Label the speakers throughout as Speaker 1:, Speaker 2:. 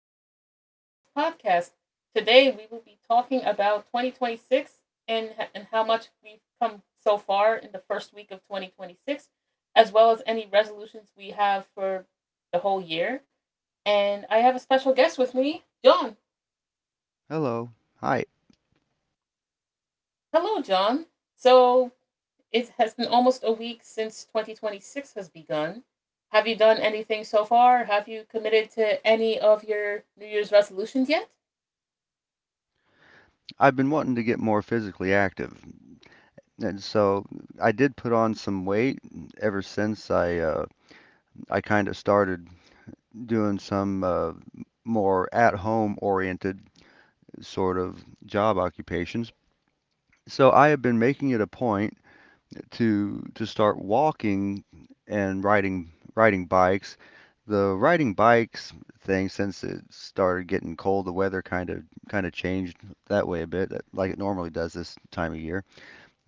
Speaker 1: welcome to my newest podcast. Today, we will be talking about 2026 and how much we've come so far in the first week of 2026, as well as any resolutions we have for the whole year. And I have a special guest with me, John.
Speaker 2: Hello. Hi.
Speaker 1: Hello, John. So, it has been almost a week since 2026 has begun. Have you done anything so far? Have you committed to any of your New Year's resolutions yet?
Speaker 2: I've been wanting to get more physically active, and so I did put on some weight ever since I kind of started doing some more at-home oriented sort of job occupations. So I have been making it a point to start walking and riding bikes. The riding bikes thing, since it started getting cold, the weather kind of changed that way a bit, like it normally does this time of year.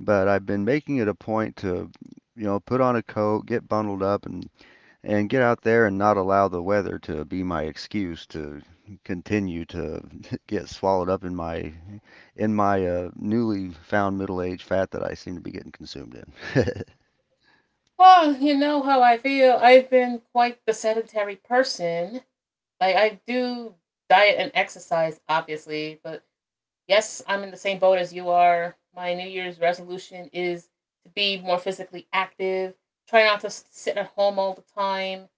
Speaker 2: But I've been making it a point to, you know, put on a coat, get bundled up, and get out there and not allow the weather to be my excuse to continue to get swallowed up in my newly found middle age fat that I seem to be getting consumed in.
Speaker 1: Well, you know how I feel. I've been quite the sedentary person. Like I do diet and exercise, obviously, but yes, I'm in the same boat as you are. My New Year's resolution is to be more physically active. Try not to sit at home all the time.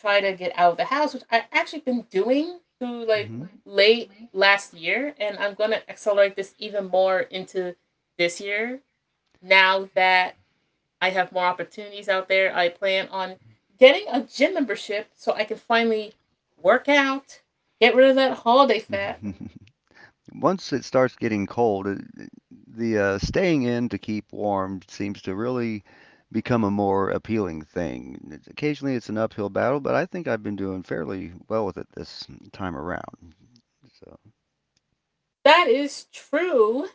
Speaker 1: Try to get out of the house, which I actually been doing through like
Speaker 2: hmm
Speaker 1: late last year, and I'm gonna accelerate this even more into this year now that I have more opportunities out there. I plan on getting a gym membership so I can finally work out, get rid of that holiday fat.
Speaker 2: Once it starts getting cold, it- the staying in to keep warm seems to really become a more appealing thing. Occasionally it's an uphill battle, but I think I've been doing fairly well with it this time around. So,
Speaker 1: That is true.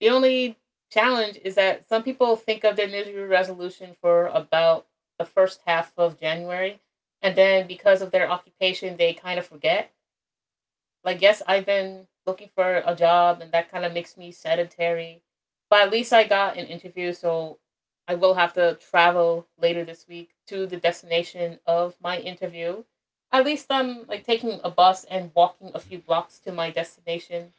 Speaker 1: The only challenge is that some people think of their New Year's resolution for about the first half of January, and then because of their occupation, they kind of forget. Like, yes, I've been looking for a job, and that kind of makes me sedentary. But at least I got an interview, so I will have to travel later this week to the destination of my interview. At least I'm like taking a bus and walking a few blocks to my destination.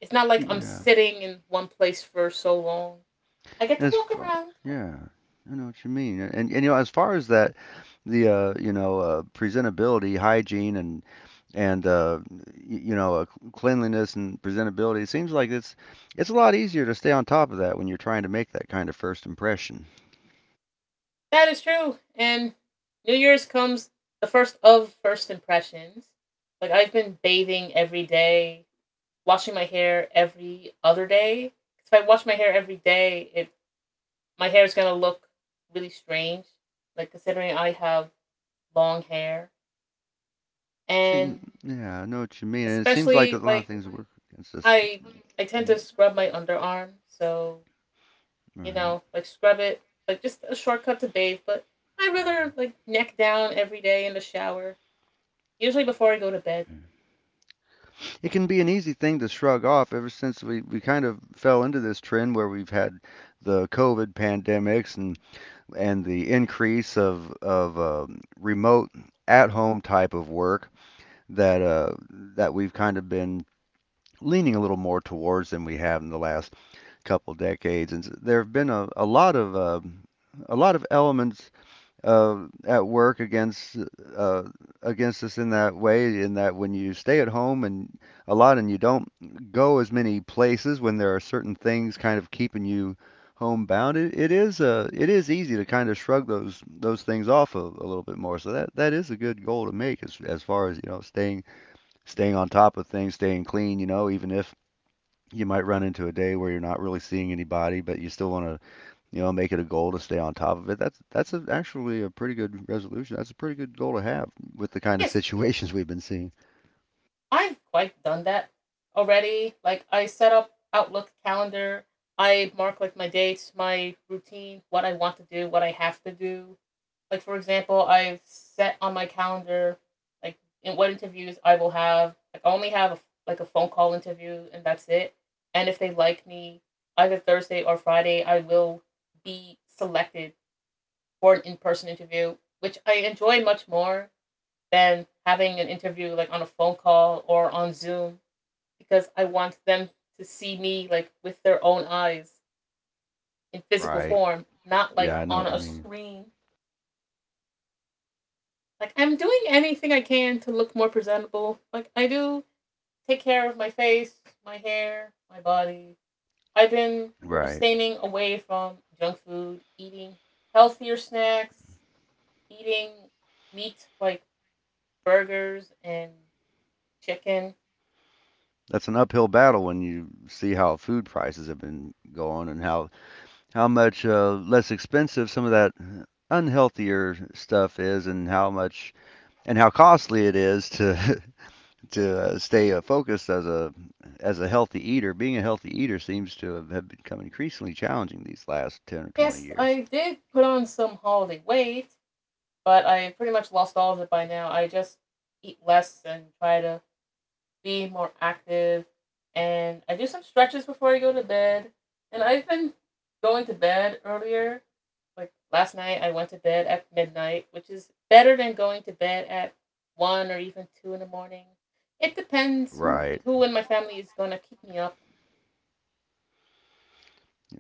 Speaker 1: It's not like I'm
Speaker 2: yeah.
Speaker 1: sitting in one place for so long. I get to
Speaker 2: As
Speaker 1: walk
Speaker 2: far,
Speaker 1: around.
Speaker 2: yeah, I know what you mean, and you know, as far as that, presentability, hygiene, and and uh, y- you know, uh, cleanliness and presentability, it seems like it's a lot easier to stay on top of that when you're trying to make that kind of first impression.
Speaker 1: That is true. And New Year's comes the first of first impressions. Like I've been bathing every day, washing my hair every other day. If I wash my hair every day, it my hair is gonna look really strange. Like considering I have long hair, and
Speaker 2: Yeah, I know what you mean, and it seems like a
Speaker 1: especially
Speaker 2: lot of
Speaker 1: like
Speaker 2: things work against us.
Speaker 1: I I tend
Speaker 2: Mm,
Speaker 1: to scrub my underarm, so
Speaker 2: All
Speaker 1: you
Speaker 2: right.
Speaker 1: know, like scrub it like just a shortcut to bathe. But I would rather like neck down every day in the shower, usually before I go to bed.
Speaker 2: Yeah. It can be an easy thing to shrug off ever since we kind of fell into this trend where we've had the COVID pandemics and the increase of remote at-home type of work that uh, that we've kind of been leaning a little more towards than we have in the last couple decades. And there have been a lot of a lot of elements at work against uh, against us in that way, in that when you stay at home and a lot and you don't go as many places when there are certain things kind of keeping you homebound, it is easy to kind of shrug those things off a little bit more. So that is a good goal to make as far as you know staying on top of things, staying clean. You know, even if you might run into a day where you're not really seeing anybody, but you still want to you know, make it a goal to stay on top of it. Actually a pretty good resolution. That's a pretty good goal to have with the kind of
Speaker 1: Yes,
Speaker 2: situations we've been seeing.
Speaker 1: I've quite done that already. Like I set up Outlook calendar. I mark like my dates, my routine, what I want to do, what I have to do. Like for example, I've set on my calendar like in what interviews I will have. Like I only have like a phone call interview, and that's it. And if they like me, either Thursday or Friday, I will be selected for an in-person interview, which I enjoy much more than having an interview like on a phone call or on Zoom, because I want them to see me like with their own eyes in physical
Speaker 2: Right.
Speaker 1: form, not like
Speaker 2: Yeah, I know
Speaker 1: on
Speaker 2: what you
Speaker 1: a
Speaker 2: mean.
Speaker 1: screen. Like I'm doing anything I can to look more presentable. Like I do take care of my face, my hair, my body. I've been
Speaker 2: Right.
Speaker 1: abstaining away from junk food, eating healthier snacks, eating meat like burgers and chicken.
Speaker 2: That's an uphill battle when you see how food prices have been going and how much less expensive some of that unhealthier stuff is and how much and how costly it is to to stay focused as a healthy eater, being a healthy eater seems to have become increasingly challenging these last 10 or 20
Speaker 1: Yes,
Speaker 2: years.
Speaker 1: I did put on some holiday weight, but I pretty much lost all of it by now. I just eat less and try to be more active, and I do some stretches before I go to bed. And I've been going to bed earlier. Like last night, I went to bed at midnight, which is better than going to bed at one or even two in the morning. It depends
Speaker 2: Right.
Speaker 1: who in my family is gonna keep me up.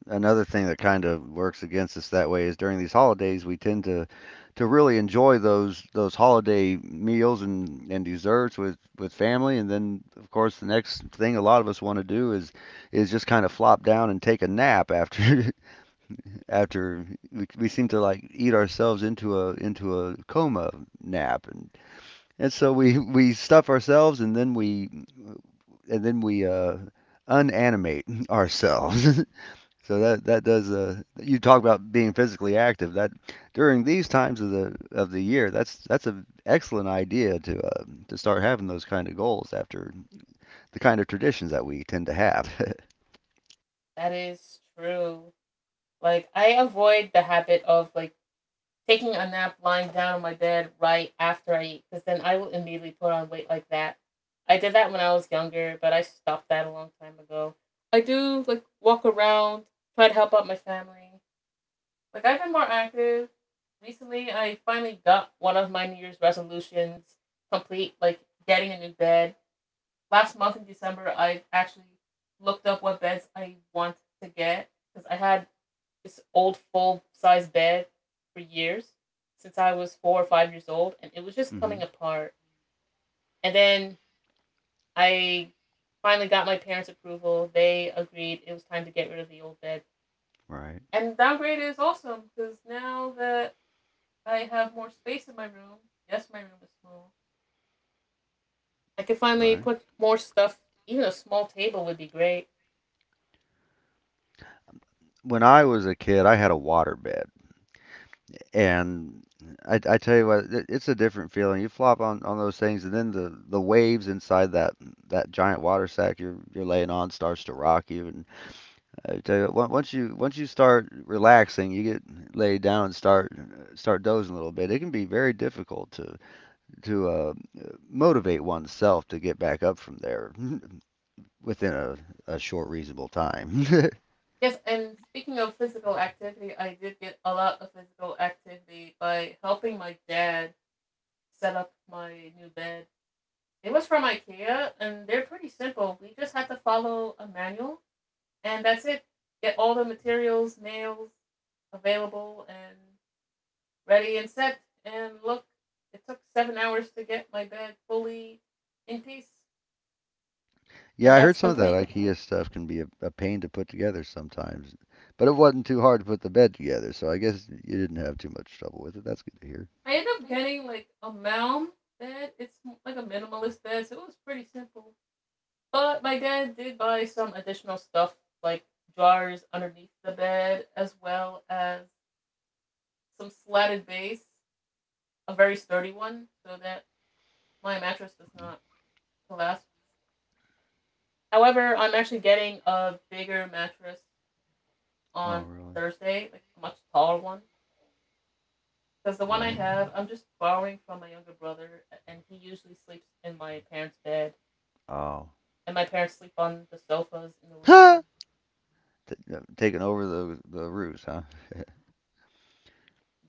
Speaker 2: Another thing that kind of works against us that way is during these holidays we tend to really enjoy those holiday meals and desserts with family, and then of course the next thing a lot of us want to do is just kind of flop down and take a nap after after we seem to like eat ourselves into a coma nap. And so we stuff ourselves and then we unanimate ourselves. So that that does you talk about being physically active. That during these times of the year, that's an excellent idea to start having those kind of goals after the kind of traditions that we tend to have.
Speaker 1: That is true. Like I avoid the habit of like taking a nap, lying down on my bed right after I eat, because then I will immediately put on weight like that. I did that when I was younger, but I stopped that a long time ago. I do like walk around, try to help out my family. Like I've been more active. Recently, I finally got one of my New Year's resolutions complete, like getting a new bed. Last month in December, I actually looked up what beds I want to get because I had this old full size bed for years since I was 4 or 5 years old, and it was just coming
Speaker 2: hmm
Speaker 1: apart. And then I finally got my parents' approval. They agreed it was time to get rid of the old bed.
Speaker 2: Right,
Speaker 1: And downgrade is awesome because now that I have more space in my room, yes, my room is small, I can finally
Speaker 2: right.
Speaker 1: put more stuff. Even a small table would be great.
Speaker 2: When I was a kid, I had a waterbed. And I tell you what, it's a different feeling. You flop on those things, and then the waves inside that giant water sack you're laying on starts to rock you. And I tell you, once you start relaxing, you get laid down and start dozing a little bit. It can be very difficult to to uh, motivate oneself to get back up from there within a short, reasonable time.
Speaker 1: Yes, and speaking of physical activity, I did get a lot of physical activity by helping my dad set up my new bed. It was from IKEA, and they're pretty simple. We just had to follow a manual, and that's it. Get all the materials, nails available, and ready and set. And look, it took 7 hours to get my bed fully in piece,
Speaker 2: Yeah,
Speaker 1: and
Speaker 2: I heard
Speaker 1: that's
Speaker 2: some of that
Speaker 1: complete.
Speaker 2: IKEA stuff can be a pain to put together sometimes, but it wasn't too hard to put the bed together, so I guess you didn't have too much trouble with it. That's good to hear.
Speaker 1: I ended up getting like a mound bed. It's like a minimalist bed, so it was pretty simple. But my dad did buy some additional stuff, like jars underneath the bed, as well as some slatted base, a very sturdy one, so that my mattress does not collapse. However, I'm actually getting a bigger mattress
Speaker 2: Oh,
Speaker 1: on
Speaker 2: really?
Speaker 1: Thursday, like a much taller one. Because the one I
Speaker 2: Right?
Speaker 1: have, I'm just borrowing from my younger brother, and he usually sleeps in my parents' bed.
Speaker 2: Oh.
Speaker 1: And my parents sleep on the sofas in the
Speaker 2: T-
Speaker 1: living room.
Speaker 2: Taking over the roost, huh?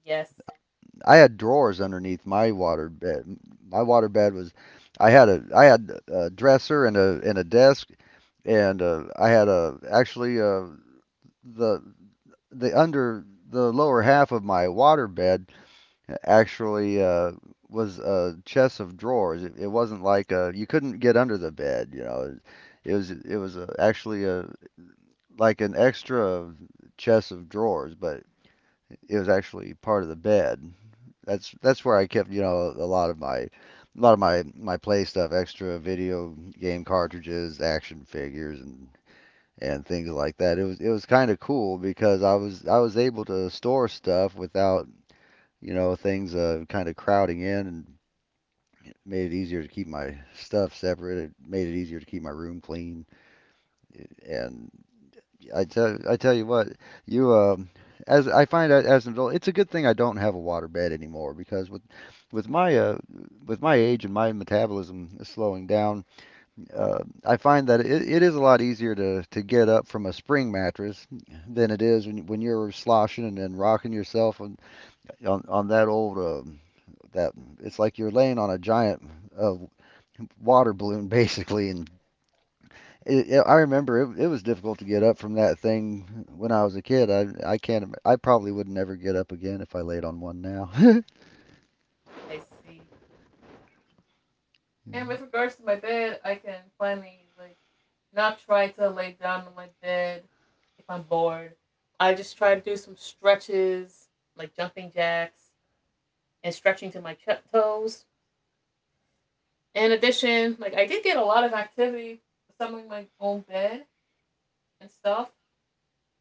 Speaker 1: Yes,
Speaker 2: I had drawers underneath my water bed. My water bed was, I had a dresser and a desk and I had a actually the under the lower half of my water bed actually was a chest of drawers. It wasn't like you couldn't get under the bed, you know. It was actually a like an extra chest of drawers, but it was actually part of the bed. That's where I kept, you know, a lot of my a lot of my play stuff, extra video game cartridges, action figures, and things like that. It was kind of cool because I was able to store stuff without you know things kind of crowding in, and made it easier to keep my stuff separate. It made it easier to keep my room clean. And I tell you what, you as I find out as an adult, it's a good thing I don't have a water bed anymore, because with with my uh, with my age and my metabolism is slowing down, I find that it is a lot easier to get up from a spring mattress than it is when you're sloshing and rocking yourself on on that old that it's like you're laying on a giant uh, water balloon basically, and I remember it was difficult to get up from that thing when I was a kid. I can't. I probably would never get up again if I laid on one now.
Speaker 1: I see. And with
Speaker 2: Yep.
Speaker 1: regards to my bed, I can finally, like, not try to lay down on my bed if I'm bored. I just try to do some stretches, like jumping jacks and stretching to my toes. In addition, like I did get a lot of activity assembling my own bed and stuff.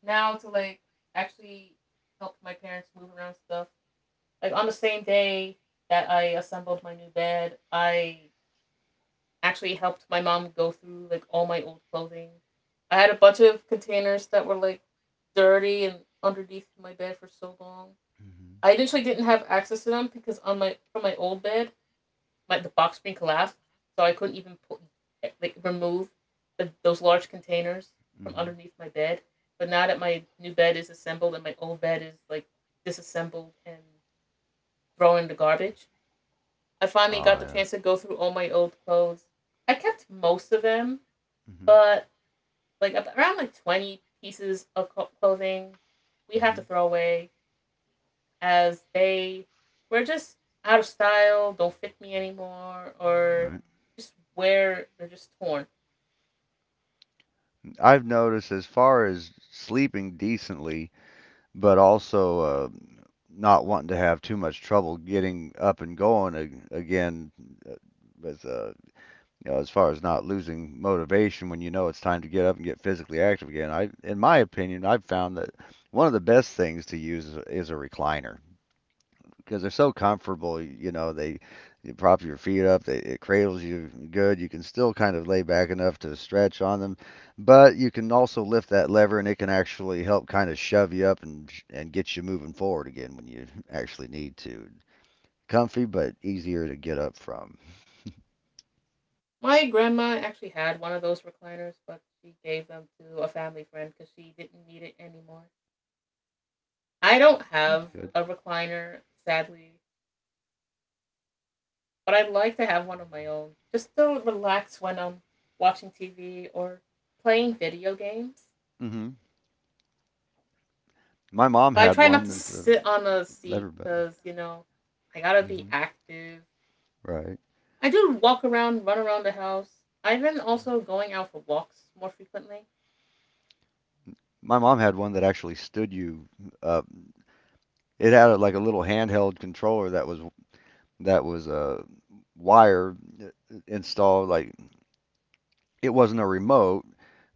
Speaker 1: Now to like actually help my parents move around stuff. Like on the same day that I assembled my new bed, I actually helped my mom go through like all my old clothing. I had a bunch of containers that were like dirty and underneath my bed for so long.
Speaker 2: Mhm.
Speaker 1: I initially didn't have access to them because on my from my old bed, my the box spring collapsed, so I couldn't even pull, like remove those large containers from
Speaker 2: Mhm.
Speaker 1: underneath my bed. But now that my new bed is assembled and my old bed is like disassembled and thrown in the garbage, I finally
Speaker 2: Oh
Speaker 1: got the
Speaker 2: yeah.
Speaker 1: chance to go through all my old clothes. I kept most of them,
Speaker 2: Mhm.
Speaker 1: but like around like 20 pieces of clothing we have to
Speaker 2: Mhm.
Speaker 1: throw away as they were just out of style, don't fit me anymore, or
Speaker 2: Right.
Speaker 1: just wear they're just torn.
Speaker 2: I've noticed as far as sleeping decently, but also not wanting to have too much trouble getting up and again. uh, With you know, as far as not losing motivation when you know it's time to get up and get physically active again. I, in my opinion, I've found that one of the best things to use is a recliner because they're so comfortable. You know, they you prop your feet up, it cradles you good. You can still kind of lay back enough to stretch on them, but you can also lift that lever and it can actually help kind of shove you up and get you moving forward again when you actually need to. Comfy but easier to get up from.
Speaker 1: My grandma actually had one of those recliners, but she gave them to a family friend because she didn't need it anymore. I don't
Speaker 2: That's
Speaker 1: have
Speaker 2: good.
Speaker 1: a recliner, sadly, but I'd like to have one of my own just to relax when I'm watching TV or playing video games.
Speaker 2: Mm hmm My mom
Speaker 1: But I
Speaker 2: had
Speaker 1: try not
Speaker 2: one.
Speaker 1: to
Speaker 2: That's a
Speaker 1: sit on a
Speaker 2: lever
Speaker 1: seat
Speaker 2: button,
Speaker 1: because, you know, I gotta be active.
Speaker 2: right?
Speaker 1: I do walk around, run around the house. I've been also going out for walks more frequently.
Speaker 2: My mom had one that actually stood you up. It had a, like a little handheld controller that was a wire installed. Like it wasn't a remote,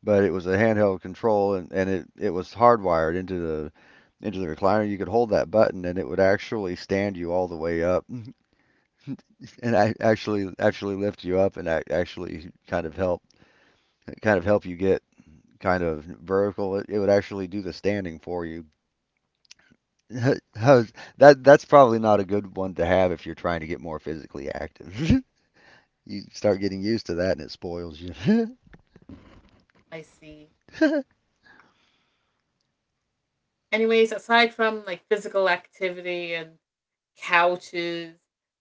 Speaker 2: but it was a handheld control, and, it was hardwired into the recliner. You could hold that button, and it would actually stand you all the way up, and I actually actually lift you up, and I actually kind of help you get kind of vertical, it would actually do the standing for you. That's probably not a good one to have if you're trying to get more physically active. You start getting used to that and it spoils you.
Speaker 1: I see. Anyways, aside from like physical activity and couches,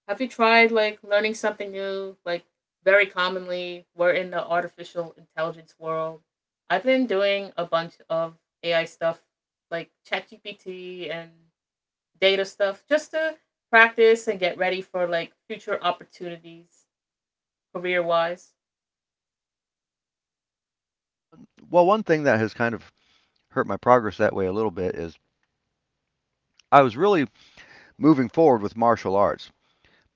Speaker 1: have you tried like learning something new? Like, very commonly, we're in the artificial intelligence world. I've been doing a bunch of AI stuff like ChatGPT and data stuff just to practice and get ready for like future opportunities career wise.
Speaker 2: Well, one thing that has kind of hurt my progress that way a little bit is I was really moving forward with martial arts.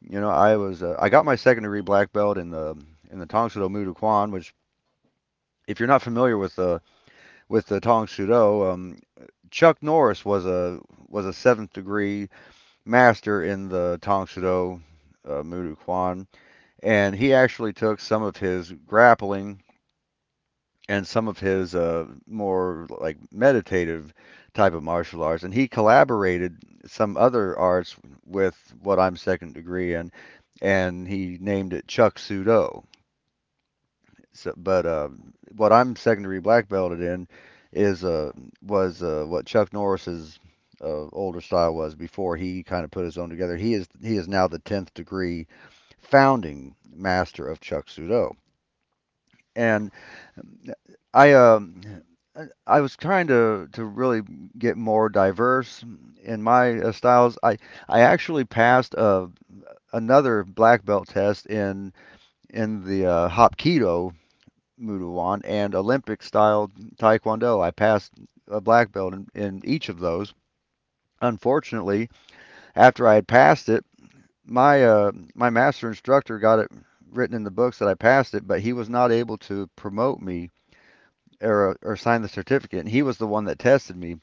Speaker 2: You know, I got my second degree black belt in the Tong Sudo Muay Thai Kwan, which if you're not familiar with the Tong Sudo, Chuck Norris was a seventh degree master in the Tongsudo Mudu Kwan, and he actually took some of his grappling and some of his more like meditative type of martial arts, and he collaborated some other arts with what I'm second degree in, and he named it Chuck Do. So but what I'm secondary black belted in is was what Chuck Norris's older style was before he kind of put his own together. He is now the 10th degree founding master of Chuck Sudo, and I um. I was trying to really get more diverse in my styles. I actually passed another black belt test in in the Hopkido, Muay Thai, and Olympic style Taekwondo. I passed a black belt in each of those. Unfortunately, after I had passed it, my master instructor got it written in the books that I passed it, but he was not able to promote me or sign the certificate. And he was the one that tested me,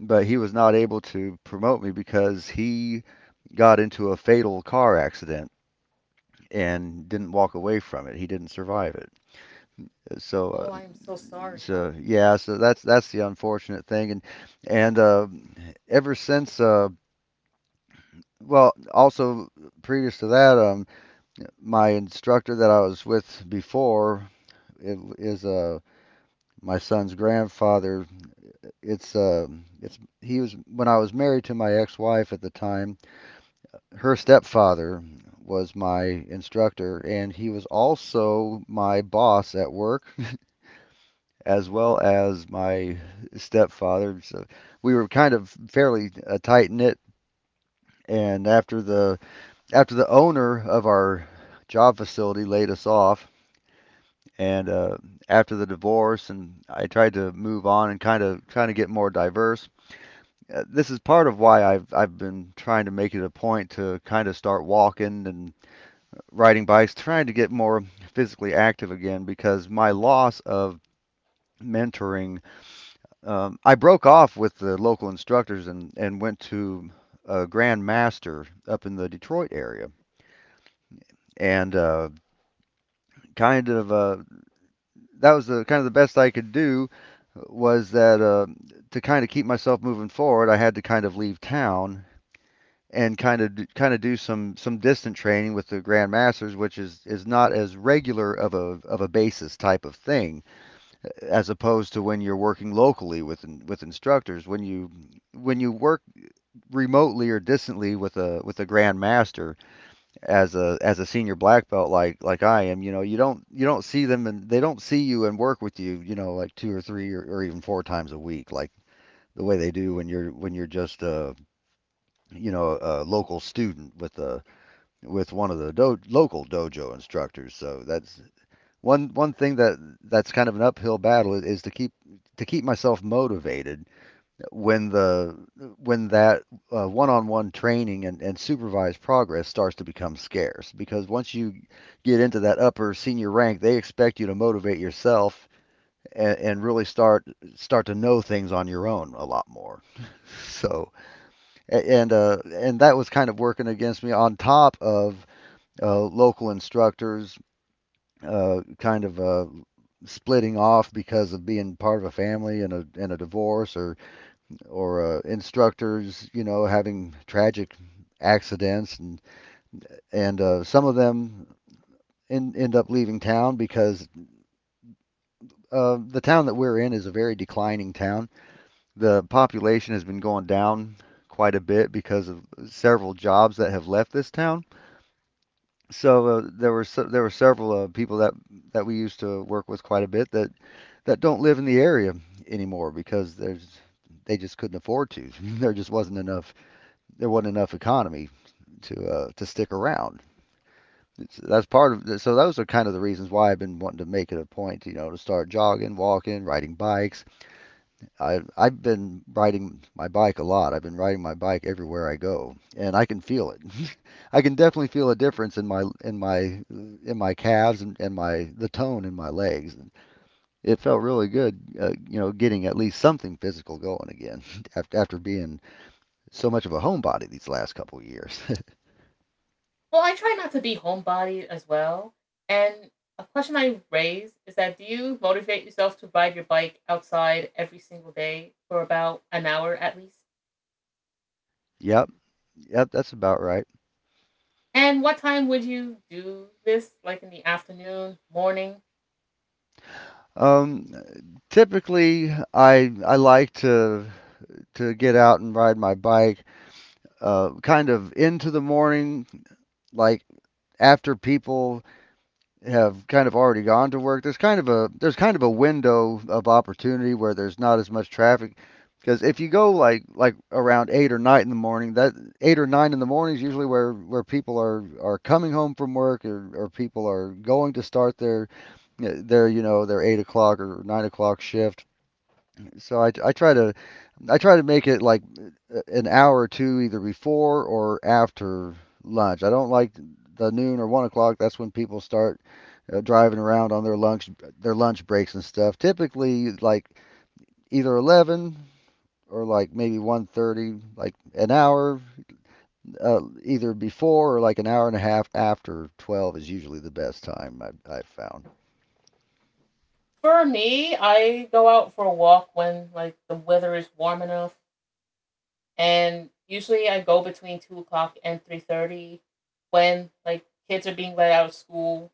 Speaker 2: but he was not able to promote me because he got into a fatal car accident and didn't walk away from it. He didn't survive it. So
Speaker 1: Oh,
Speaker 2: uh,
Speaker 1: I am so sorry.
Speaker 2: So yeah, so that's the unfortunate thing, and ever since well, also previous to that, my instructor that I was with before it is my son's grandfather. It's uh it's he was, when I was married to my ex-wife at the time, her stepfather was my instructor, and he was also my boss at work, as well as my stepfather. So we were kind of fairly tight knit. And after the owner of our job facility laid us off, and after the divorce, and I tried to move on and kind of trying to get more diverse. This is part of why I've been trying to make it a point to kind of start walking and riding bikes, trying to get more physically active again because my loss of mentoring. I broke off with the local instructors and went to a Grand Master up in the Detroit area. And kind of uh, that was the kind of the best I could do, was that to kind of keep myself moving forward, I had to kind of leave town and kind of do some distant training with the Grand Masters, which is not as regular of a basis type of thing, as opposed to when you're working locally with instructors. When you work remotely or distantly with a grandmaster, as a senior black belt like I am, you know, you don't see them and they don't see you and work with you, you know, like two or three or even four times a week, like the way they do when you're just a, you know, a local student with one of the local dojo instructors. So that's one thing that's kind of an uphill battle, is to keep myself motivated when the when that one-on-one training and supervised progress starts to become scarce, because once you get into that upper senior rank, they expect you to motivate yourself, and really start to know things on your own a lot more. So and and that was kind of working against me on top of local instructors uh, kind of uh, splitting off because of being part of a family and a divorce, or instructors, you know, having tragic accidents, and and some of them end up leaving town because the town that we're in is a very declining town. The population has been going down quite a bit because of several jobs that have left this town. So there there were several people that we used to work with quite a bit that don't live in the area anymore, because there's they just couldn't afford to. There just wasn't enough economy to stick around. It's, that's part of so those are kind of the reasons why I've been wanting to make it a point, you know, to start jogging, walking, riding bikes. I've been riding my bike a lot. I've been riding my bike everywhere I go, and I can feel it. I can definitely feel a difference in my calves, and my the tone in my legs. It felt really good, getting at least something physical going again after being so much of a homebody these last couple of years.
Speaker 1: Well, I try not to be homebody as well. And a question I raise is that do you motivate yourself to ride your bike outside every single day for about an hour at least?
Speaker 2: Yep, yep, that's about right.
Speaker 1: And what time would you do this? Like in the afternoon, morning?
Speaker 2: Um, Typically, I like to get out and ride my bike, kind of into the morning, like after people have kind of already gone to work. There's kind of a window of opportunity where there's not as much traffic. Because if you go like around 8 or 9 in the morning, that 8 or 9 in the morning is usually where people are coming home from work, or people are going to start their, their 8 o'clock or 9 o'clock shift. So I try to make it like an hour or two either before or after lunch. I don't like the noon or 1 o'clock. That's when people start driving around on their lunch, breaks and stuff. Typically, like either 11 or like maybe 1:30, like an hour either before, or like an hour and a half after 12 is usually the best time I've found.
Speaker 1: For me, I go out for a walk when like the weather is warm enough, and usually I go between 2 o'clock and 3:30, when like kids are being let out of school.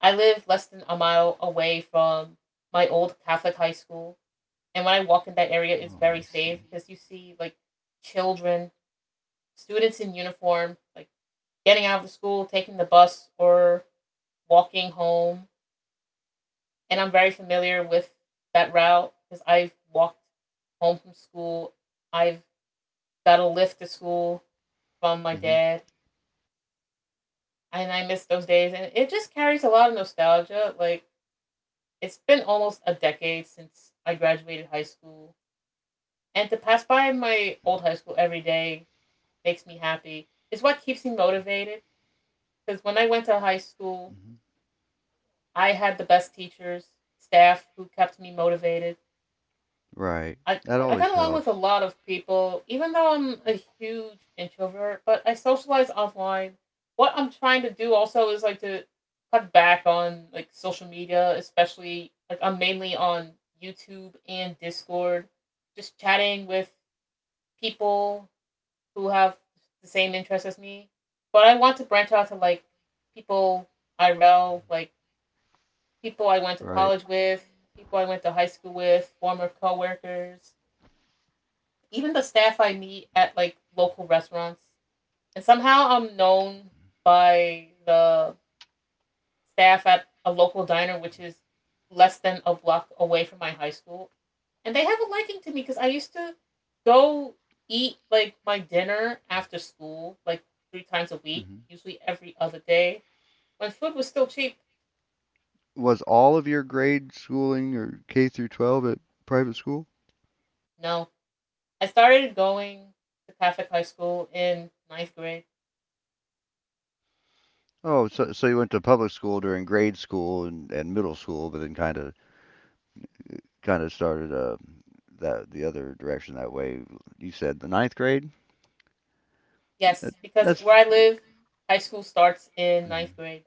Speaker 1: I live less than a mile away from my old Catholic high school, and when I walk in that area, it's
Speaker 2: Oh,
Speaker 1: very
Speaker 2: I
Speaker 1: safe
Speaker 2: see.
Speaker 1: because you see like children, students in uniform, like getting out of the school, taking the bus, or walking home, and I'm very familiar with that route because I've walked home from school. I've got a lift to school from my
Speaker 2: Hmm.
Speaker 1: dad, and I miss those days. And it just carries a lot of nostalgia. Like it's been almost a decade since I graduated high school, and to pass by my old high school every day makes me happy. It's what keeps me motivated. Because when I went to high school,
Speaker 2: Hmm.
Speaker 1: I had the best teachers, staff who kept me motivated.
Speaker 2: Right.
Speaker 1: I
Speaker 2: That
Speaker 1: I
Speaker 2: always
Speaker 1: got along with a
Speaker 2: helps.
Speaker 1: lot of people, even though I'm a huge introvert. But I socialize offline. What I'm trying to do also is like to cut back on like social media, especially like I'm mainly on YouTube and Discord, just chatting with people who have the same interests as me. But I want to branch out to like people IRL, like people I went to
Speaker 2: Right.
Speaker 1: college with, people I went to high school with, former coworkers, even the staff I meet at like local restaurants, and somehow I'm known by the staff at a local diner, which is less than a block away from my high school, and they have a liking to me because I used to go eat like my dinner after school, like three times a week,
Speaker 2: Hmm.
Speaker 1: usually every other day when food was still cheap.
Speaker 2: Was all of your grade schooling, or K through 12, at private school?
Speaker 1: No, I started going to Catholic high school in ninth grade.
Speaker 2: Oh, so you went to public school during grade school and middle school, but then kind of started that the other direction that way. You said the ninth grade. That-
Speaker 1: Yes, because
Speaker 2: That's
Speaker 1: where I live, high school starts in ninth grade.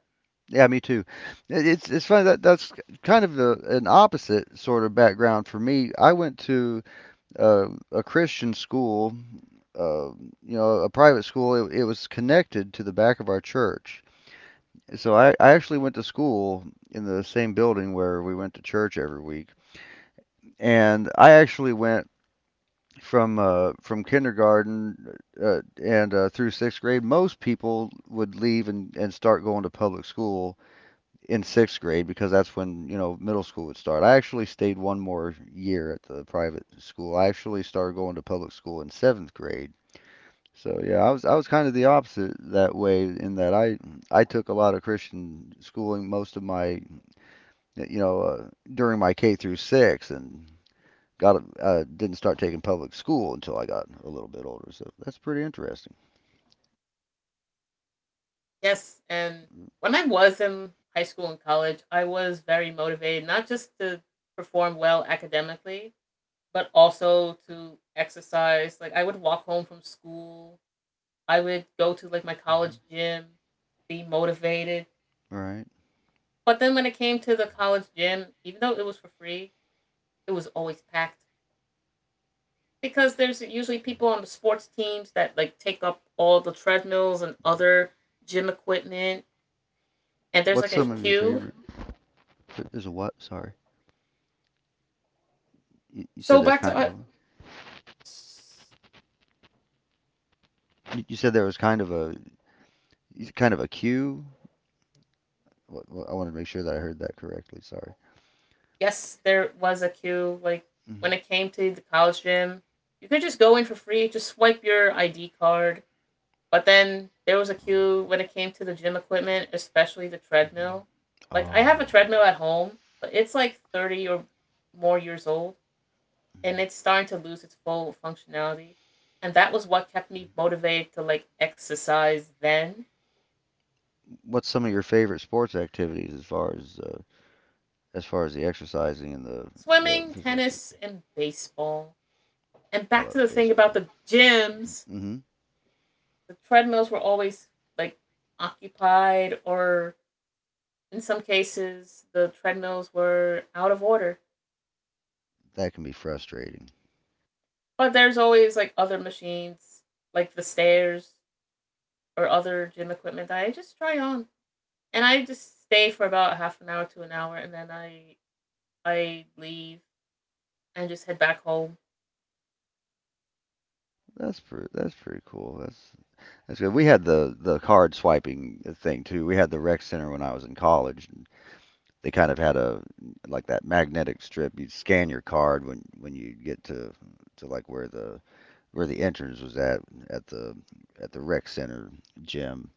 Speaker 2: Yeah, me too. It's funny that's kind of the an opposite sort of background for me. I went to a Christian school, uh, a private school. It was connected to the back of our church. So I actually went to school in the same building where we went to church every week, and I actually went from kindergarten and through sixth grade. Most people would leave and start going to public school in sixth grade, because that's when, middle school would start. I actually stayed one more year at the private school. I actually started going to public school in seventh grade. So yeah, I was kind of the opposite that way, in that I took a lot of Christian schooling most of my, you know, uh, during my K through six, and didn't start taking public school until I got a little bit older. So that's pretty interesting.
Speaker 1: Yes, and when I was in high school and college, I was very motivated not just to perform well academically, but also to exercise. Like I would walk home from school, I would go to like my college
Speaker 2: Mhm.
Speaker 1: gym, be motivated.
Speaker 2: All right.
Speaker 1: But then when it came to the college gym, even though it was for free, it was always packed because there's usually people on the sports teams that like take up all the treadmills and other gym equipment and there's
Speaker 2: What's
Speaker 1: like a
Speaker 2: some of your
Speaker 1: queue.
Speaker 2: favorite? There's a what? Sorry. You said
Speaker 1: So
Speaker 2: there's
Speaker 1: back to
Speaker 2: kind of. You said there was kind of a queue. I wanted to make sure that I heard that correctly. Sorry.
Speaker 1: Yes, there was a queue. Like when
Speaker 2: Hmm.
Speaker 1: it came to the college gym, you could just go in for free, just swipe your ID card. But then there was a
Speaker 2: Oh.
Speaker 1: queue when it came to the gym equipment, especially the
Speaker 2: Mhm.
Speaker 1: treadmill. Like I have a
Speaker 2: Oh.
Speaker 1: treadmill at home, but it's like 30 or more years old
Speaker 2: mhm.
Speaker 1: and it's starting to lose its full functionality. And that was what kept me motivated to like exercise then.
Speaker 2: What's some of your favorite sports activities as far as the exercising and the
Speaker 1: Swimming,
Speaker 2: physical activity?
Speaker 1: tennis, and baseball. And
Speaker 2: I
Speaker 1: back to
Speaker 2: love
Speaker 1: the thing about
Speaker 2: baseball.
Speaker 1: the gyms,
Speaker 2: Hmm.
Speaker 1: the treadmills were always like occupied, or in some cases the treadmills were out of order,
Speaker 2: That can be frustrating.
Speaker 1: but there's always like other machines like the stairs or other gym equipment that I just try on, and I just stay for about half an hour to an hour, and then I leave and just head back home.
Speaker 2: That's pretty cool. That's good. We had the card swiping thing too. We had the rec center when I was in college. And they kind of had a like that magnetic strip. You'd scan your card when you get to like where the, entrance was at the at the rec center gym.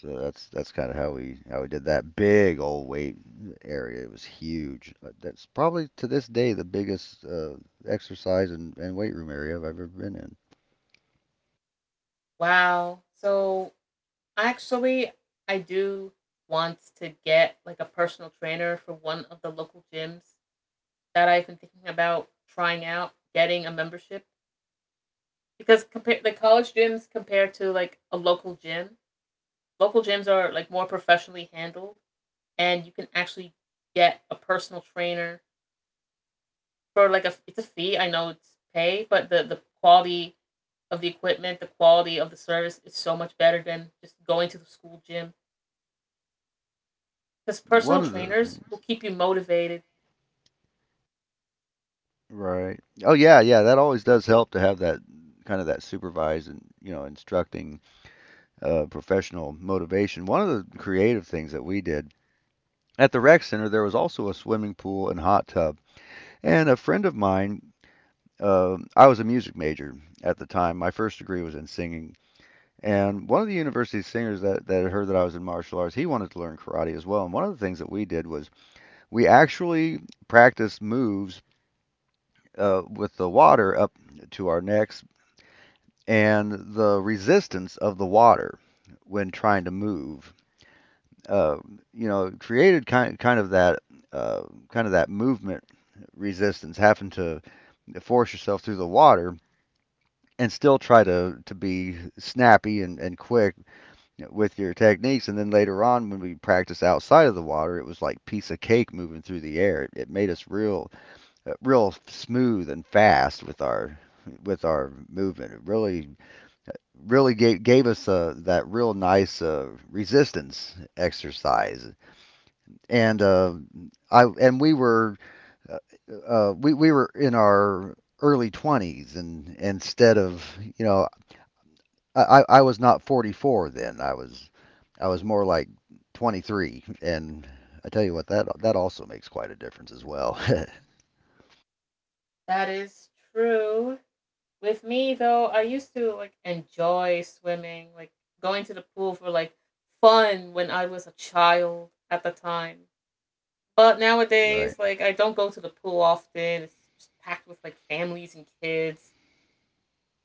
Speaker 2: So that's kind of how we did that big old weight area. It was huge. That's probably to this day the biggest exercise and weight room area I've ever been in.
Speaker 1: Wow, so actually I do want to get like a personal trainer for one of the local gyms that I've been thinking about trying out getting a membership, because compare the college gyms compared to like a local gym, local gyms are like more professionally handled, and you can actually get a personal trainer for like a it's a fee. I know it's pay, but the quality of the equipment, the quality of the service is so much better than just going to the school gym. Because
Speaker 2: One
Speaker 1: personal
Speaker 2: of those
Speaker 1: trainers will
Speaker 2: things,
Speaker 1: keep you motivated.
Speaker 2: right? Oh yeah, yeah. That always does help to have that kind of that supervised and, instructing, professional motivation. One of the creative things that we did at the rec center, there was also a swimming pool and hot tub. And a friend of mine, I was a music major at the time. My first degree was in singing. And one of the university singers that had heard that I was in martial arts, he wanted to learn karate as well. And one of the things that we did was, we actually practiced moves with the water up to our necks, and the resistance of the water when trying to move. Uh, created kind of that, uh, movement resistance, having to force yourself through the water and still try to be snappy and quick with your techniques. And then later on, when we practiced outside of the water, it was like piece of cake moving through the air. It made us real real smooth and fast with our movement. It really gave, gave us that real nice resistance exercise. And I and uh, we were in our early twenties, and instead of, you know, I was not 44 then. I was more like 23. And I tell you what, that also makes quite a difference as well.
Speaker 1: That is true. With me though, I used to like enjoy swimming, like going to the pool for like fun when I was a child at the time. But
Speaker 2: Right.
Speaker 1: nowadays, like I don't go to the pool often. It's just packed with like families and kids.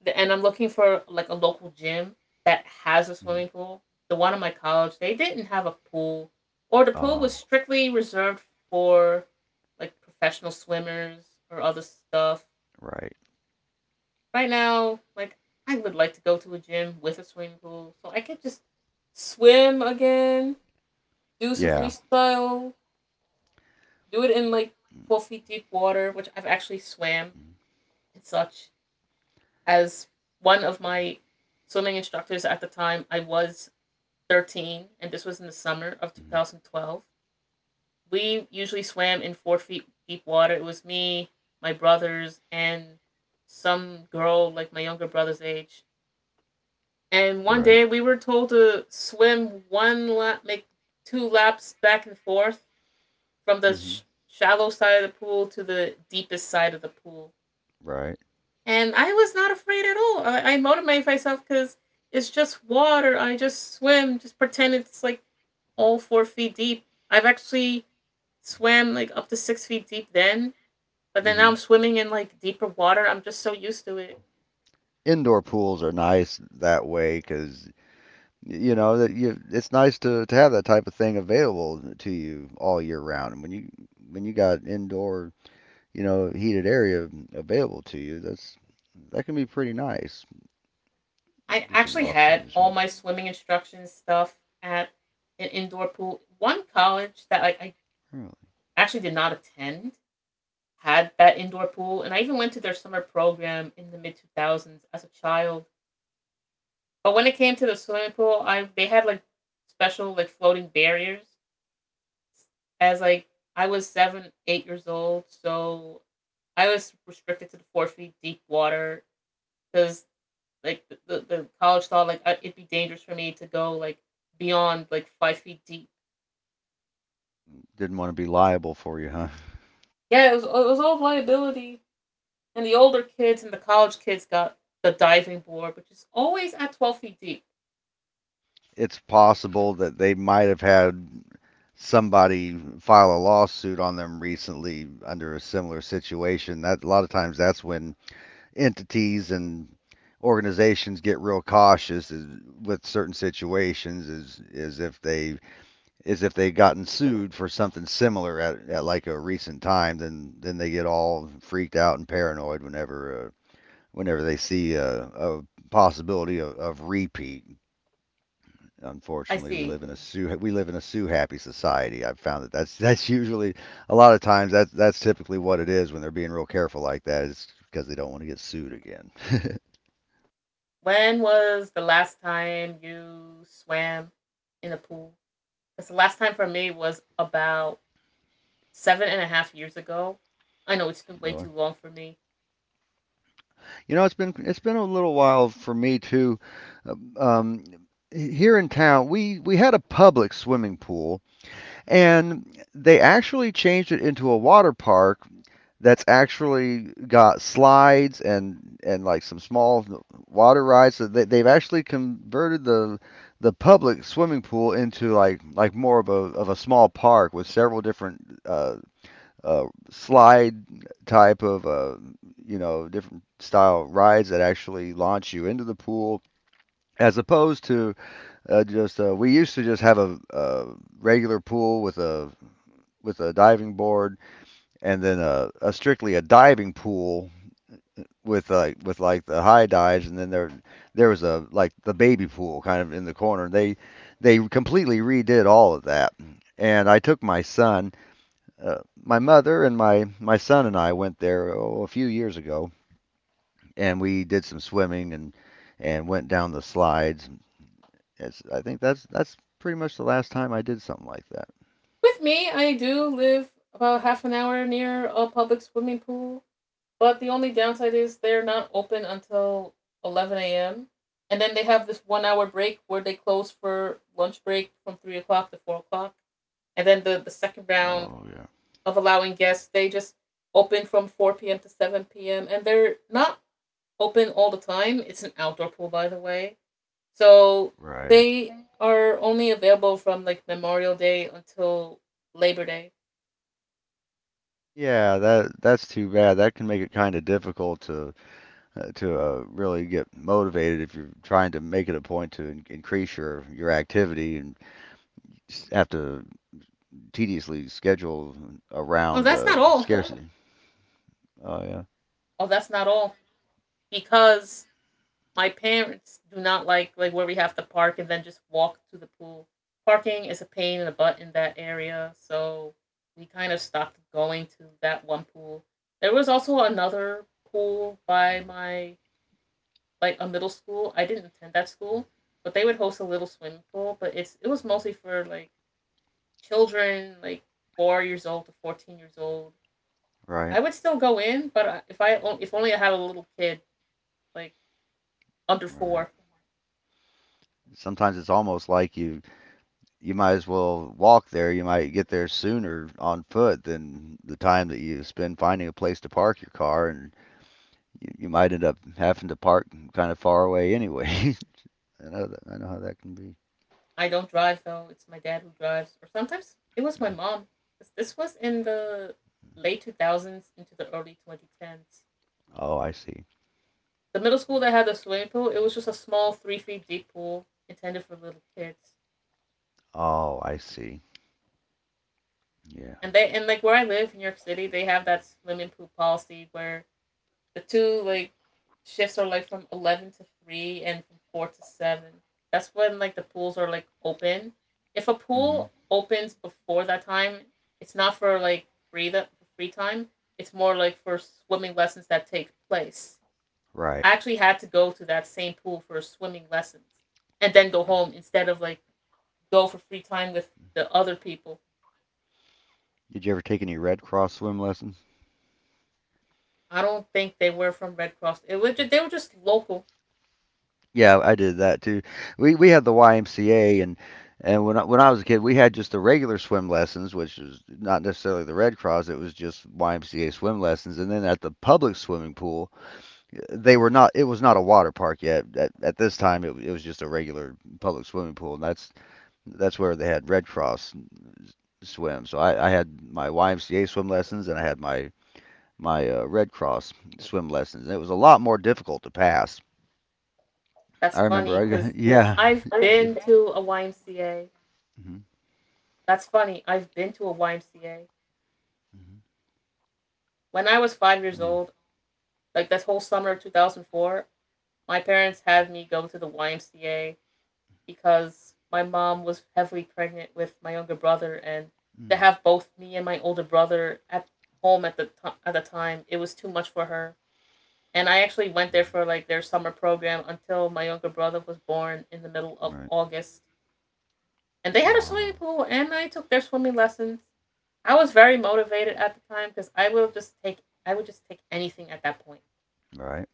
Speaker 1: And I'm looking for like a local gym that has a swimming pool. The one in my college, they didn't have a pool, or the pool was
Speaker 2: Oh,
Speaker 1: strictly reserved for like professional swimmers or other stuff.
Speaker 2: right.
Speaker 1: Right now, like I would like to go to a gym with a swimming pool so I could just swim again, do some
Speaker 2: Yeah.
Speaker 1: freestyle, do it in like 12 feet deep water, which I've actually swam and such. As one of my swimming instructors at the time, I was 13, and this was in the summer of
Speaker 2: Mhm.
Speaker 1: 2012. We usually swam in 4 feet deep water. It was me, my brothers, and some girl like my younger brother's age. And one
Speaker 2: Right.
Speaker 1: day we were told to swim one lap, make two laps back and forth from the
Speaker 2: hmm
Speaker 1: shallow side of the pool to the deepest side of the pool.
Speaker 2: Right.
Speaker 1: And I was not afraid at all. I motivated myself because it's just water. I just swim, just pretend it's like all 4 feet deep. I've actually swam like up to 6 feet deep then, but then now I'm
Speaker 2: hmm
Speaker 1: swimming in like deeper water. I'm just so used to it.
Speaker 2: Indoor pools are nice that way because you know that you it's nice to have that type of thing available to you all year round. And when you got indoor, you know, heated area available to you, that's that can be pretty nice.
Speaker 1: I
Speaker 2: Do some
Speaker 1: actually had
Speaker 2: off-season
Speaker 1: all
Speaker 2: swimming.
Speaker 1: my swimming instruction stuff at an indoor pool. One college that like I
Speaker 2: Really.
Speaker 1: actually did not attend had that indoor pool, and I even went to their summer program in the mid two thousands as a child. But when it came to the swimming pool, I they had like special like floating barriers. As like I was 7, 8 years old, so I was restricted to the 4 feet deep water because like the college thought like it'd be dangerous for me to go like beyond like 5 feet deep.
Speaker 2: Didn't want to be liable for you, huh?
Speaker 1: Yeah, it was all liability, and the older kids and the college kids got the diving board, which is always at 12 feet deep.
Speaker 2: It's possible that they might have had somebody file a lawsuit on them recently under a similar situation. That a lot of times that's when entities and organizations get real cautious is, with certain situations, is if they've gotten sued for something similar at, like a recent time, then they get all freaked out and paranoid whenever whenever they see a possibility of repeat.
Speaker 1: I
Speaker 2: Unfortunately,
Speaker 1: see.
Speaker 2: we live in a sue happy society. I've found that that's that's usually a lot of times that's typically what it is when they're being real careful like that is because they don't want to get sued again.
Speaker 1: When was the last time you swam in a pool? Because the last time for me was about seven and a half years ago. I know it's been way
Speaker 2: Really.
Speaker 1: too long for me.
Speaker 2: You know, it's been a little while for me too. Uh, Um, Here in town, we had a public swimming pool, and they actually changed it into a water park that's actually got slides and like some small water rides. So they've actually converted the public swimming pool into like more of a small park with several different slide type of you know, different style rides that actually launch you into the pool. As opposed to just we used to just have a regular pool with a diving board, and then a strictly a diving pool with like with the high dives, and then there was a like the baby pool kind of in the corner. They completely redid all of that, and I took my son, my mother, and my son, and I went there, oh, a few years ago, and we did some swimming and went down the slides. I think that's pretty much the last time I did something like that.
Speaker 1: With me, I do live about half an hour near a public swimming pool. But the only downside is they're not open until 11 a.m. And then they have this one hour break where they close for lunch break from 3 o'clock to 4 o'clock. And then the second round
Speaker 2: Oh yeah.
Speaker 1: of allowing guests, they just open from 4 p.m. to 7 p.m. And they're not open all the time. It's an outdoor pool, by the way. So
Speaker 2: Right.
Speaker 1: they are only available from like Memorial Day until Labor Day.
Speaker 2: Yeah, that that's too bad. That can make it kind of difficult to really get motivated if you're trying to make it a point to increase your activity and have to tediously schedule
Speaker 1: Oh,
Speaker 2: around
Speaker 1: that's not
Speaker 2: the
Speaker 1: all.
Speaker 2: scarcity. Oh yeah,
Speaker 1: Oh, that's not all. Because my parents do not like where we have to park and then just walk to the pool. Parking is a pain in the butt in that area, so we kind of stopped going to that one pool. There was also another pool by my like a middle school. I didn't attend that school, but they would host a little swimming pool, but it was mostly for like children like 4 years old to 14 years old. I
Speaker 2: right,
Speaker 1: would still go in, but if only I had a little kid like under
Speaker 2: right.
Speaker 1: 4.
Speaker 2: Sometimes it's almost like you might as well walk there. You might get there sooner on foot than the time that you spend finding a place to park your car, and you might end up having to park kind of far away anyway. I know that, I know how that can be.
Speaker 1: I don't drive though. It's my dad who drives, or sometimes it was my mom. 'Cause this was in the late two thousands into the early twenty tens.
Speaker 2: Oh, I see.
Speaker 1: The middle school that had the swimming pool, it was just a small 3 feet deep pool intended for little kids.
Speaker 2: Oh, I see. Yeah.
Speaker 1: And like where I live in New York City, they have that swimming pool policy where the two like shifts are like from 11 to 3 and from 4 to 7. That's when like the pools are like open. If a
Speaker 2: hmm
Speaker 1: pool opens before that time, it's not for like free that for free time. It's more like for swimming lessons that take place.
Speaker 2: Right.
Speaker 1: I actually had to go to that same pool for swimming lessons and then go home instead of like go for free time with the other people.
Speaker 2: Did you ever take any Red Cross swim lessons?
Speaker 1: I don't think they were from Red Cross. They were just local.
Speaker 2: Yeah, I did that too. We had the YMCA, when I was a kid, we had just the regular swim lessons, which was not necessarily the Red Cross. It was just YMCA swim lessons. And then at the public swimming pool, they were not. It was not a water park yet. At this time, it was just a regular public swimming pool, and that's where they had Red Cross swim. So I had my YMCA swim lessons, and I had my Red Cross swim lessons. It was a lot more difficult to pass.
Speaker 1: That's
Speaker 2: I remember
Speaker 1: funny
Speaker 2: I got,
Speaker 1: because
Speaker 2: yeah.
Speaker 1: I've
Speaker 2: It's diff-
Speaker 1: been to a YMCA.
Speaker 2: mhm.
Speaker 1: That's funny. I've been to a YMCA.
Speaker 2: Mhm.
Speaker 1: When I was 5 years
Speaker 2: Really.
Speaker 1: old, like that whole summer of 2004, my parents had me go to the YMCA because my mom was heavily pregnant with my younger brother, and to
Speaker 2: Mm.
Speaker 1: have both me and my older brother at home at the time, it was too much for her. And I actually went there
Speaker 2: Mhm.
Speaker 1: for like their summer program until my younger brother was born in the middle of
Speaker 2: Right.
Speaker 1: August, and they had a swimming
Speaker 2: Oh,
Speaker 1: pool, and I took their swimming lessons. I was very motivated at the time, because I would just take anything at that point.
Speaker 2: right.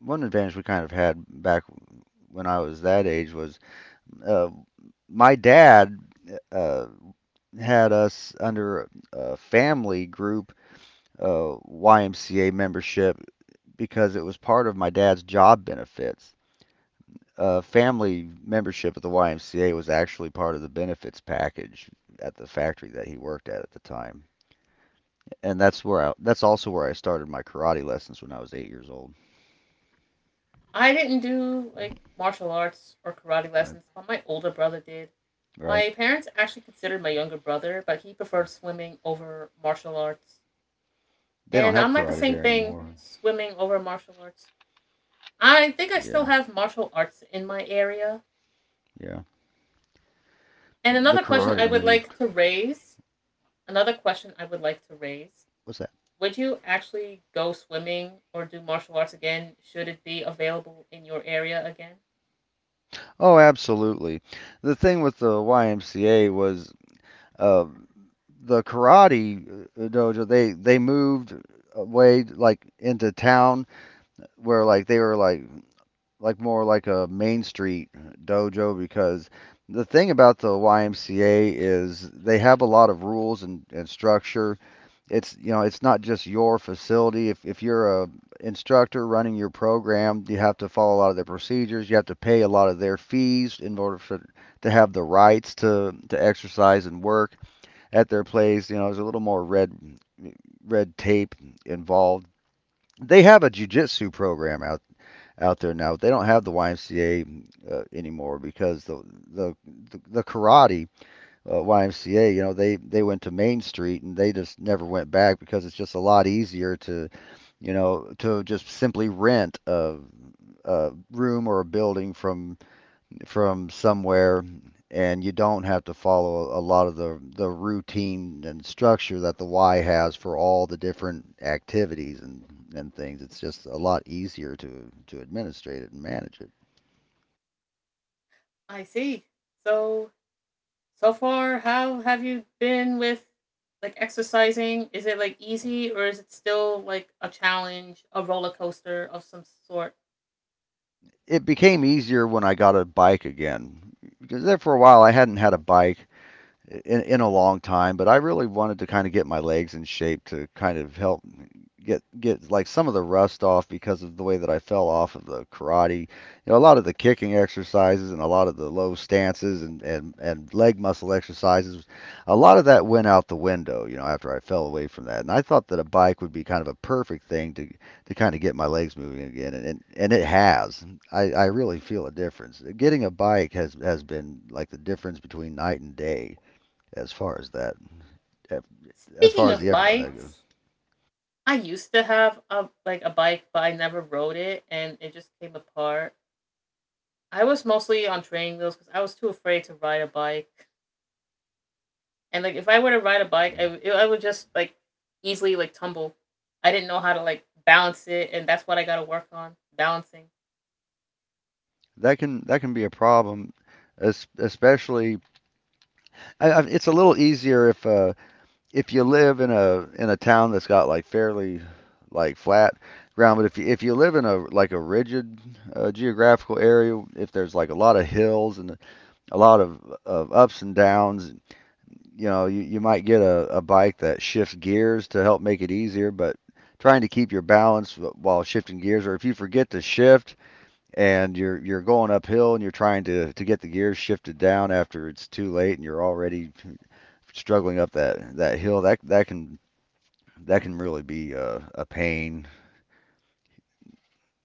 Speaker 2: One advantage we kind of had back when I was that age was uh, my dad uh, had us under a family group YMCA membership because it was part of my dad's job benefits. Family membership at the YMCA was actually part of the benefits package at the factory that he worked at the time, and that's where I, that's also where I started my karate lessons when I was 8 years old.
Speaker 1: I didn't do like martial arts or karate
Speaker 2: Right,
Speaker 1: lessons, but my older brother did.
Speaker 2: right.
Speaker 1: My parents actually considered my younger brother, but he preferred swimming over martial arts,
Speaker 2: They don't
Speaker 1: and
Speaker 2: have
Speaker 1: I'm like the
Speaker 2: karate
Speaker 1: same
Speaker 2: there
Speaker 1: thing,
Speaker 2: anymore.
Speaker 1: swimming over martial arts. I think I still
Speaker 2: Yeah,
Speaker 1: have martial arts in my area.
Speaker 2: yeah.
Speaker 1: And
Speaker 2: The karate moved.
Speaker 1: another question I would like to raise:
Speaker 2: What's that?
Speaker 1: would you actually go swimming or do martial arts again should it be available in your area again?
Speaker 2: Oh, absolutely. The thing with the YMCA was uh, the karate dojo. They moved away, like into town, where like they were like more like a Main Street dojo. Because the thing about the YMCA is they have a lot of rules and structure. It's, you know, it's not just your facility. If you're a instructor running your program, you have to follow a lot of their procedures. You have to pay a lot of their fees in order for, to have the rights to exercise and work at their place. You know, there's a little more red red tape involved. They have a jujitsu program out there now. They don't have the YMCA anymore, because the the karate YMCA, you know, they went to Main Street and they just never went back, because it's just a lot easier to, you know, to just simply rent a room or a building from somewhere, and you don't have to follow a lot of the routine and structure that the Y has for all the different activities and things. It's just a lot easier to administrate it and manage it.
Speaker 1: I see. So, so far, how have you been with like exercising? Is it like easy or is it still like a challenge, a roller coaster of some sort?
Speaker 2: It became easier when I got a bike again, because there for a while I hadn't had a bike in a long time, but I really wanted to kind of get my legs in shape to kind of help get like some of the rust off, because of the way that I fell off of the karate. You know, a lot of the kicking exercises and a lot of the low stances and and leg muscle exercises, a lot of that went out the window, you know, after I fell away from that. And I thought that a bike would be kind of a perfect thing to kind of get my legs moving again, and and it has. I really feel a difference. Getting a bike has been like the difference between night and day as far as that, as
Speaker 1: Speaking
Speaker 2: far as
Speaker 1: of
Speaker 2: the effort on that
Speaker 1: bikes,
Speaker 2: goes.
Speaker 1: I used to have a like a bike, but I never rode it, and it just came apart. I was mostly on training wheels because I was too afraid to ride a bike. And like if I were to ride a bike, I would just like easily like tumble. I didn't know how to like balance it, and that's what I got to work on balancing.
Speaker 2: That can be a problem, especially. It's a little easier if you live in a town that's got like fairly flat ground, but if you live in a like a rigid geographical area, if there's like a lot of hills and a lot of ups and downs, you know, you might get a bike that shifts gears to help make it easier, but trying to keep your balance while shifting gears, or if you forget to shift and you're going uphill and you're trying to get the gears shifted down after it's too late, and you're already struggling up that hill, that that can really be a pain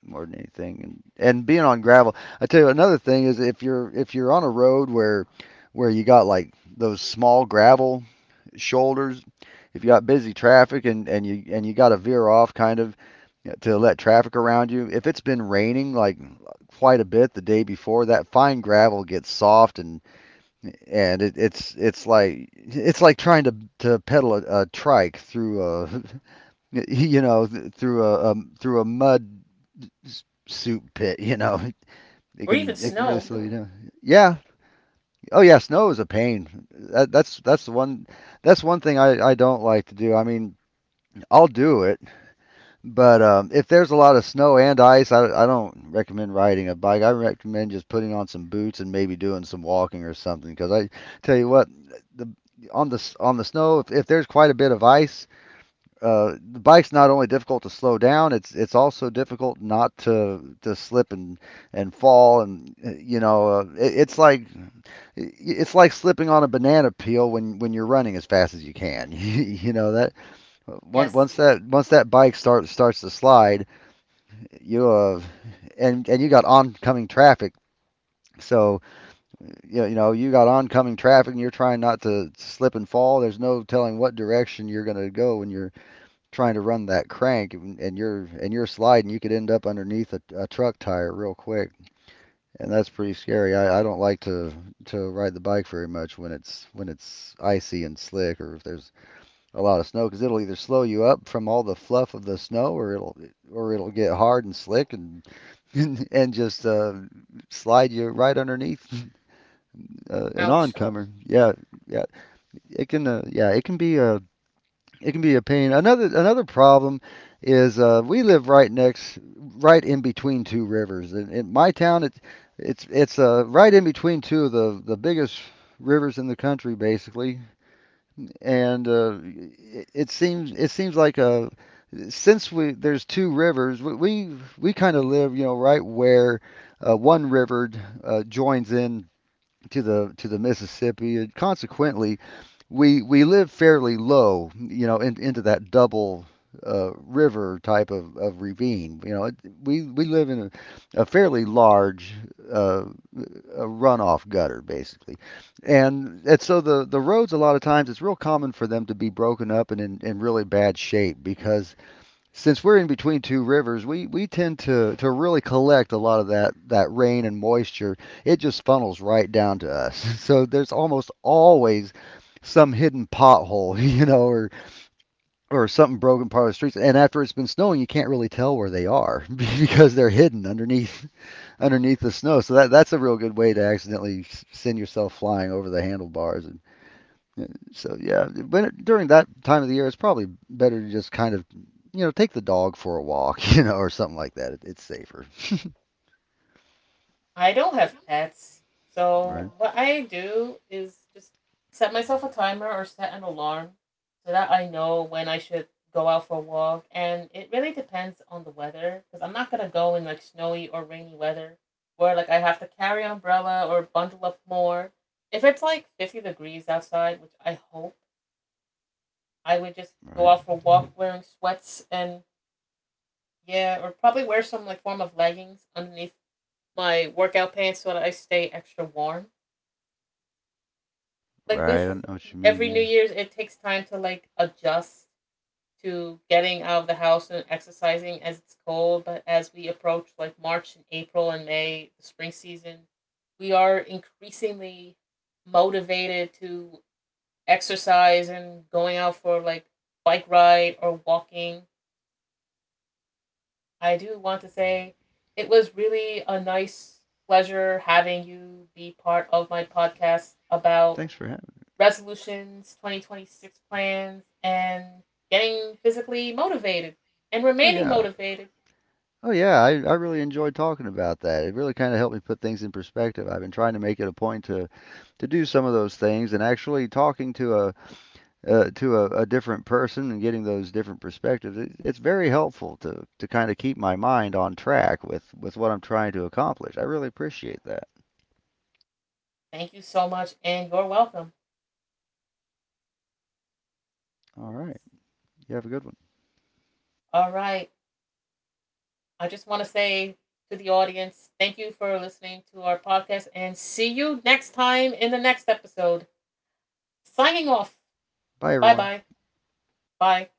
Speaker 2: more than anything. And being on gravel, I tell you another thing is if you're on a road where you got like those small gravel shoulders, if you got busy traffic and you and you got to veer off kind of to let traffic around you. If it's been raining like quite a bit the day before, that fine gravel gets soft, and it's like trying to pedal a trike through a you know through a through a mud soup pit. You know,
Speaker 1: Or even
Speaker 2: it can really
Speaker 1: snow.
Speaker 2: slow you down. Yeah. Oh yeah, snow is a pain. That's the one, that's one thing I don't like to do. I mean, I'll do it. But if there's a lot of snow and ice, I don't recommend riding a bike. I recommend just putting on some boots and maybe doing some walking or something. Because I tell you what, the on the snow, if there's quite a bit of ice, the bike's not only difficult to slow down, it's also difficult not to slip and fall and it's like it's like slipping on a banana peel when you're running as fast as you can. You know that once
Speaker 1: Yes.
Speaker 2: once that once that bike starts to slide you and you got oncoming traffic. So you know you got oncoming traffic, and you're trying not to slip and fall. There's no telling what direction you're going to go when you're trying to run that crank, and you're sliding. You could end up underneath a truck tire real quick, and that's pretty scary. I don't like to ride the bike very much when it's icy and slick, or if there's a lot of snow because it'll either slow you up from all the fluff of the snow or it'll get hard and slick and and just slide you right underneath an
Speaker 1: Ouch.
Speaker 2: oncomer. Yeah, yeah, it can. Yeah, it can be a it can be a pain. Another problem is we live right next, right in between two rivers. In my town, it's right in between two of the biggest rivers in the country, basically. And it seems like a since we there's two rivers, we kind of live, you know, right where one river joins in to the Mississippi, and consequently, we live fairly low, you know, into that double river type of ravine. You know, it, we live in a fairly large uh, a runoff gutter, basically, and so the roads a lot of times it's real common for them to be broken up and in really bad shape because since we're in between two rivers, we tend to really collect a lot of that rain and moisture. It just funnels right down to us. So there's almost always some hidden pothole, you know, or something broken part of the streets. And after it's been snowing, you can't really tell where they are because they're hidden underneath underneath the snow. So that's a real good way to accidentally send yourself flying over the handlebars uh, So yeah, during that time of the year, it's probably better to just kind of, you know, take the dog for a walk, you know, or something like that. It's safer,
Speaker 1: I don't have pets. So
Speaker 2: right?
Speaker 1: what I do is just set myself a timer or set an alarm so that I know when I should go out for a walk. And it really depends on the weather because I'm not going to go in like snowy or rainy weather where like I have to carry umbrella or bundle up more. If it's like 50 degrees outside, which I hope, I would just go
Speaker 2: Right.
Speaker 1: out for a walk wearing sweats and yeah, or probably wear some like form of leggings underneath my workout pants so that I stay extra warm. Like
Speaker 2: Right. I
Speaker 1: with
Speaker 2: know what you mean.
Speaker 1: every New
Speaker 2: Yeah.
Speaker 1: Year's, it takes time to like adjust to getting out of the house and exercising as it's cold. But as we approach like March and April and May, the spring season, we are increasingly motivated to exercise and going out for like bike ride or walking. I do want to say it was really a nice pleasure having you be part of my podcast about
Speaker 2: Thanks for having.
Speaker 1: resolutions, 2026 plans, and getting physically motivated and
Speaker 2: Oh
Speaker 1: remaining
Speaker 2: yeah.
Speaker 1: motivated.
Speaker 2: Oh yeah. I really enjoyed talking about that. It really kind of helped me put things in perspective. I've been trying to make it a point to do some of those things, and actually talking to a to a different person and getting those different perspectives, it's very helpful to kind of keep my mind on track with what I'm trying to accomplish. I really appreciate that.
Speaker 1: Thank you so much, and you're welcome.
Speaker 2: All right, you have a good one.
Speaker 1: All right. I just want to say to the audience, thank you for listening to our podcast, and see you next time in the next episode. Signing off.
Speaker 2: Bye,
Speaker 1: Bye
Speaker 2: everyone.
Speaker 1: bye. Bye.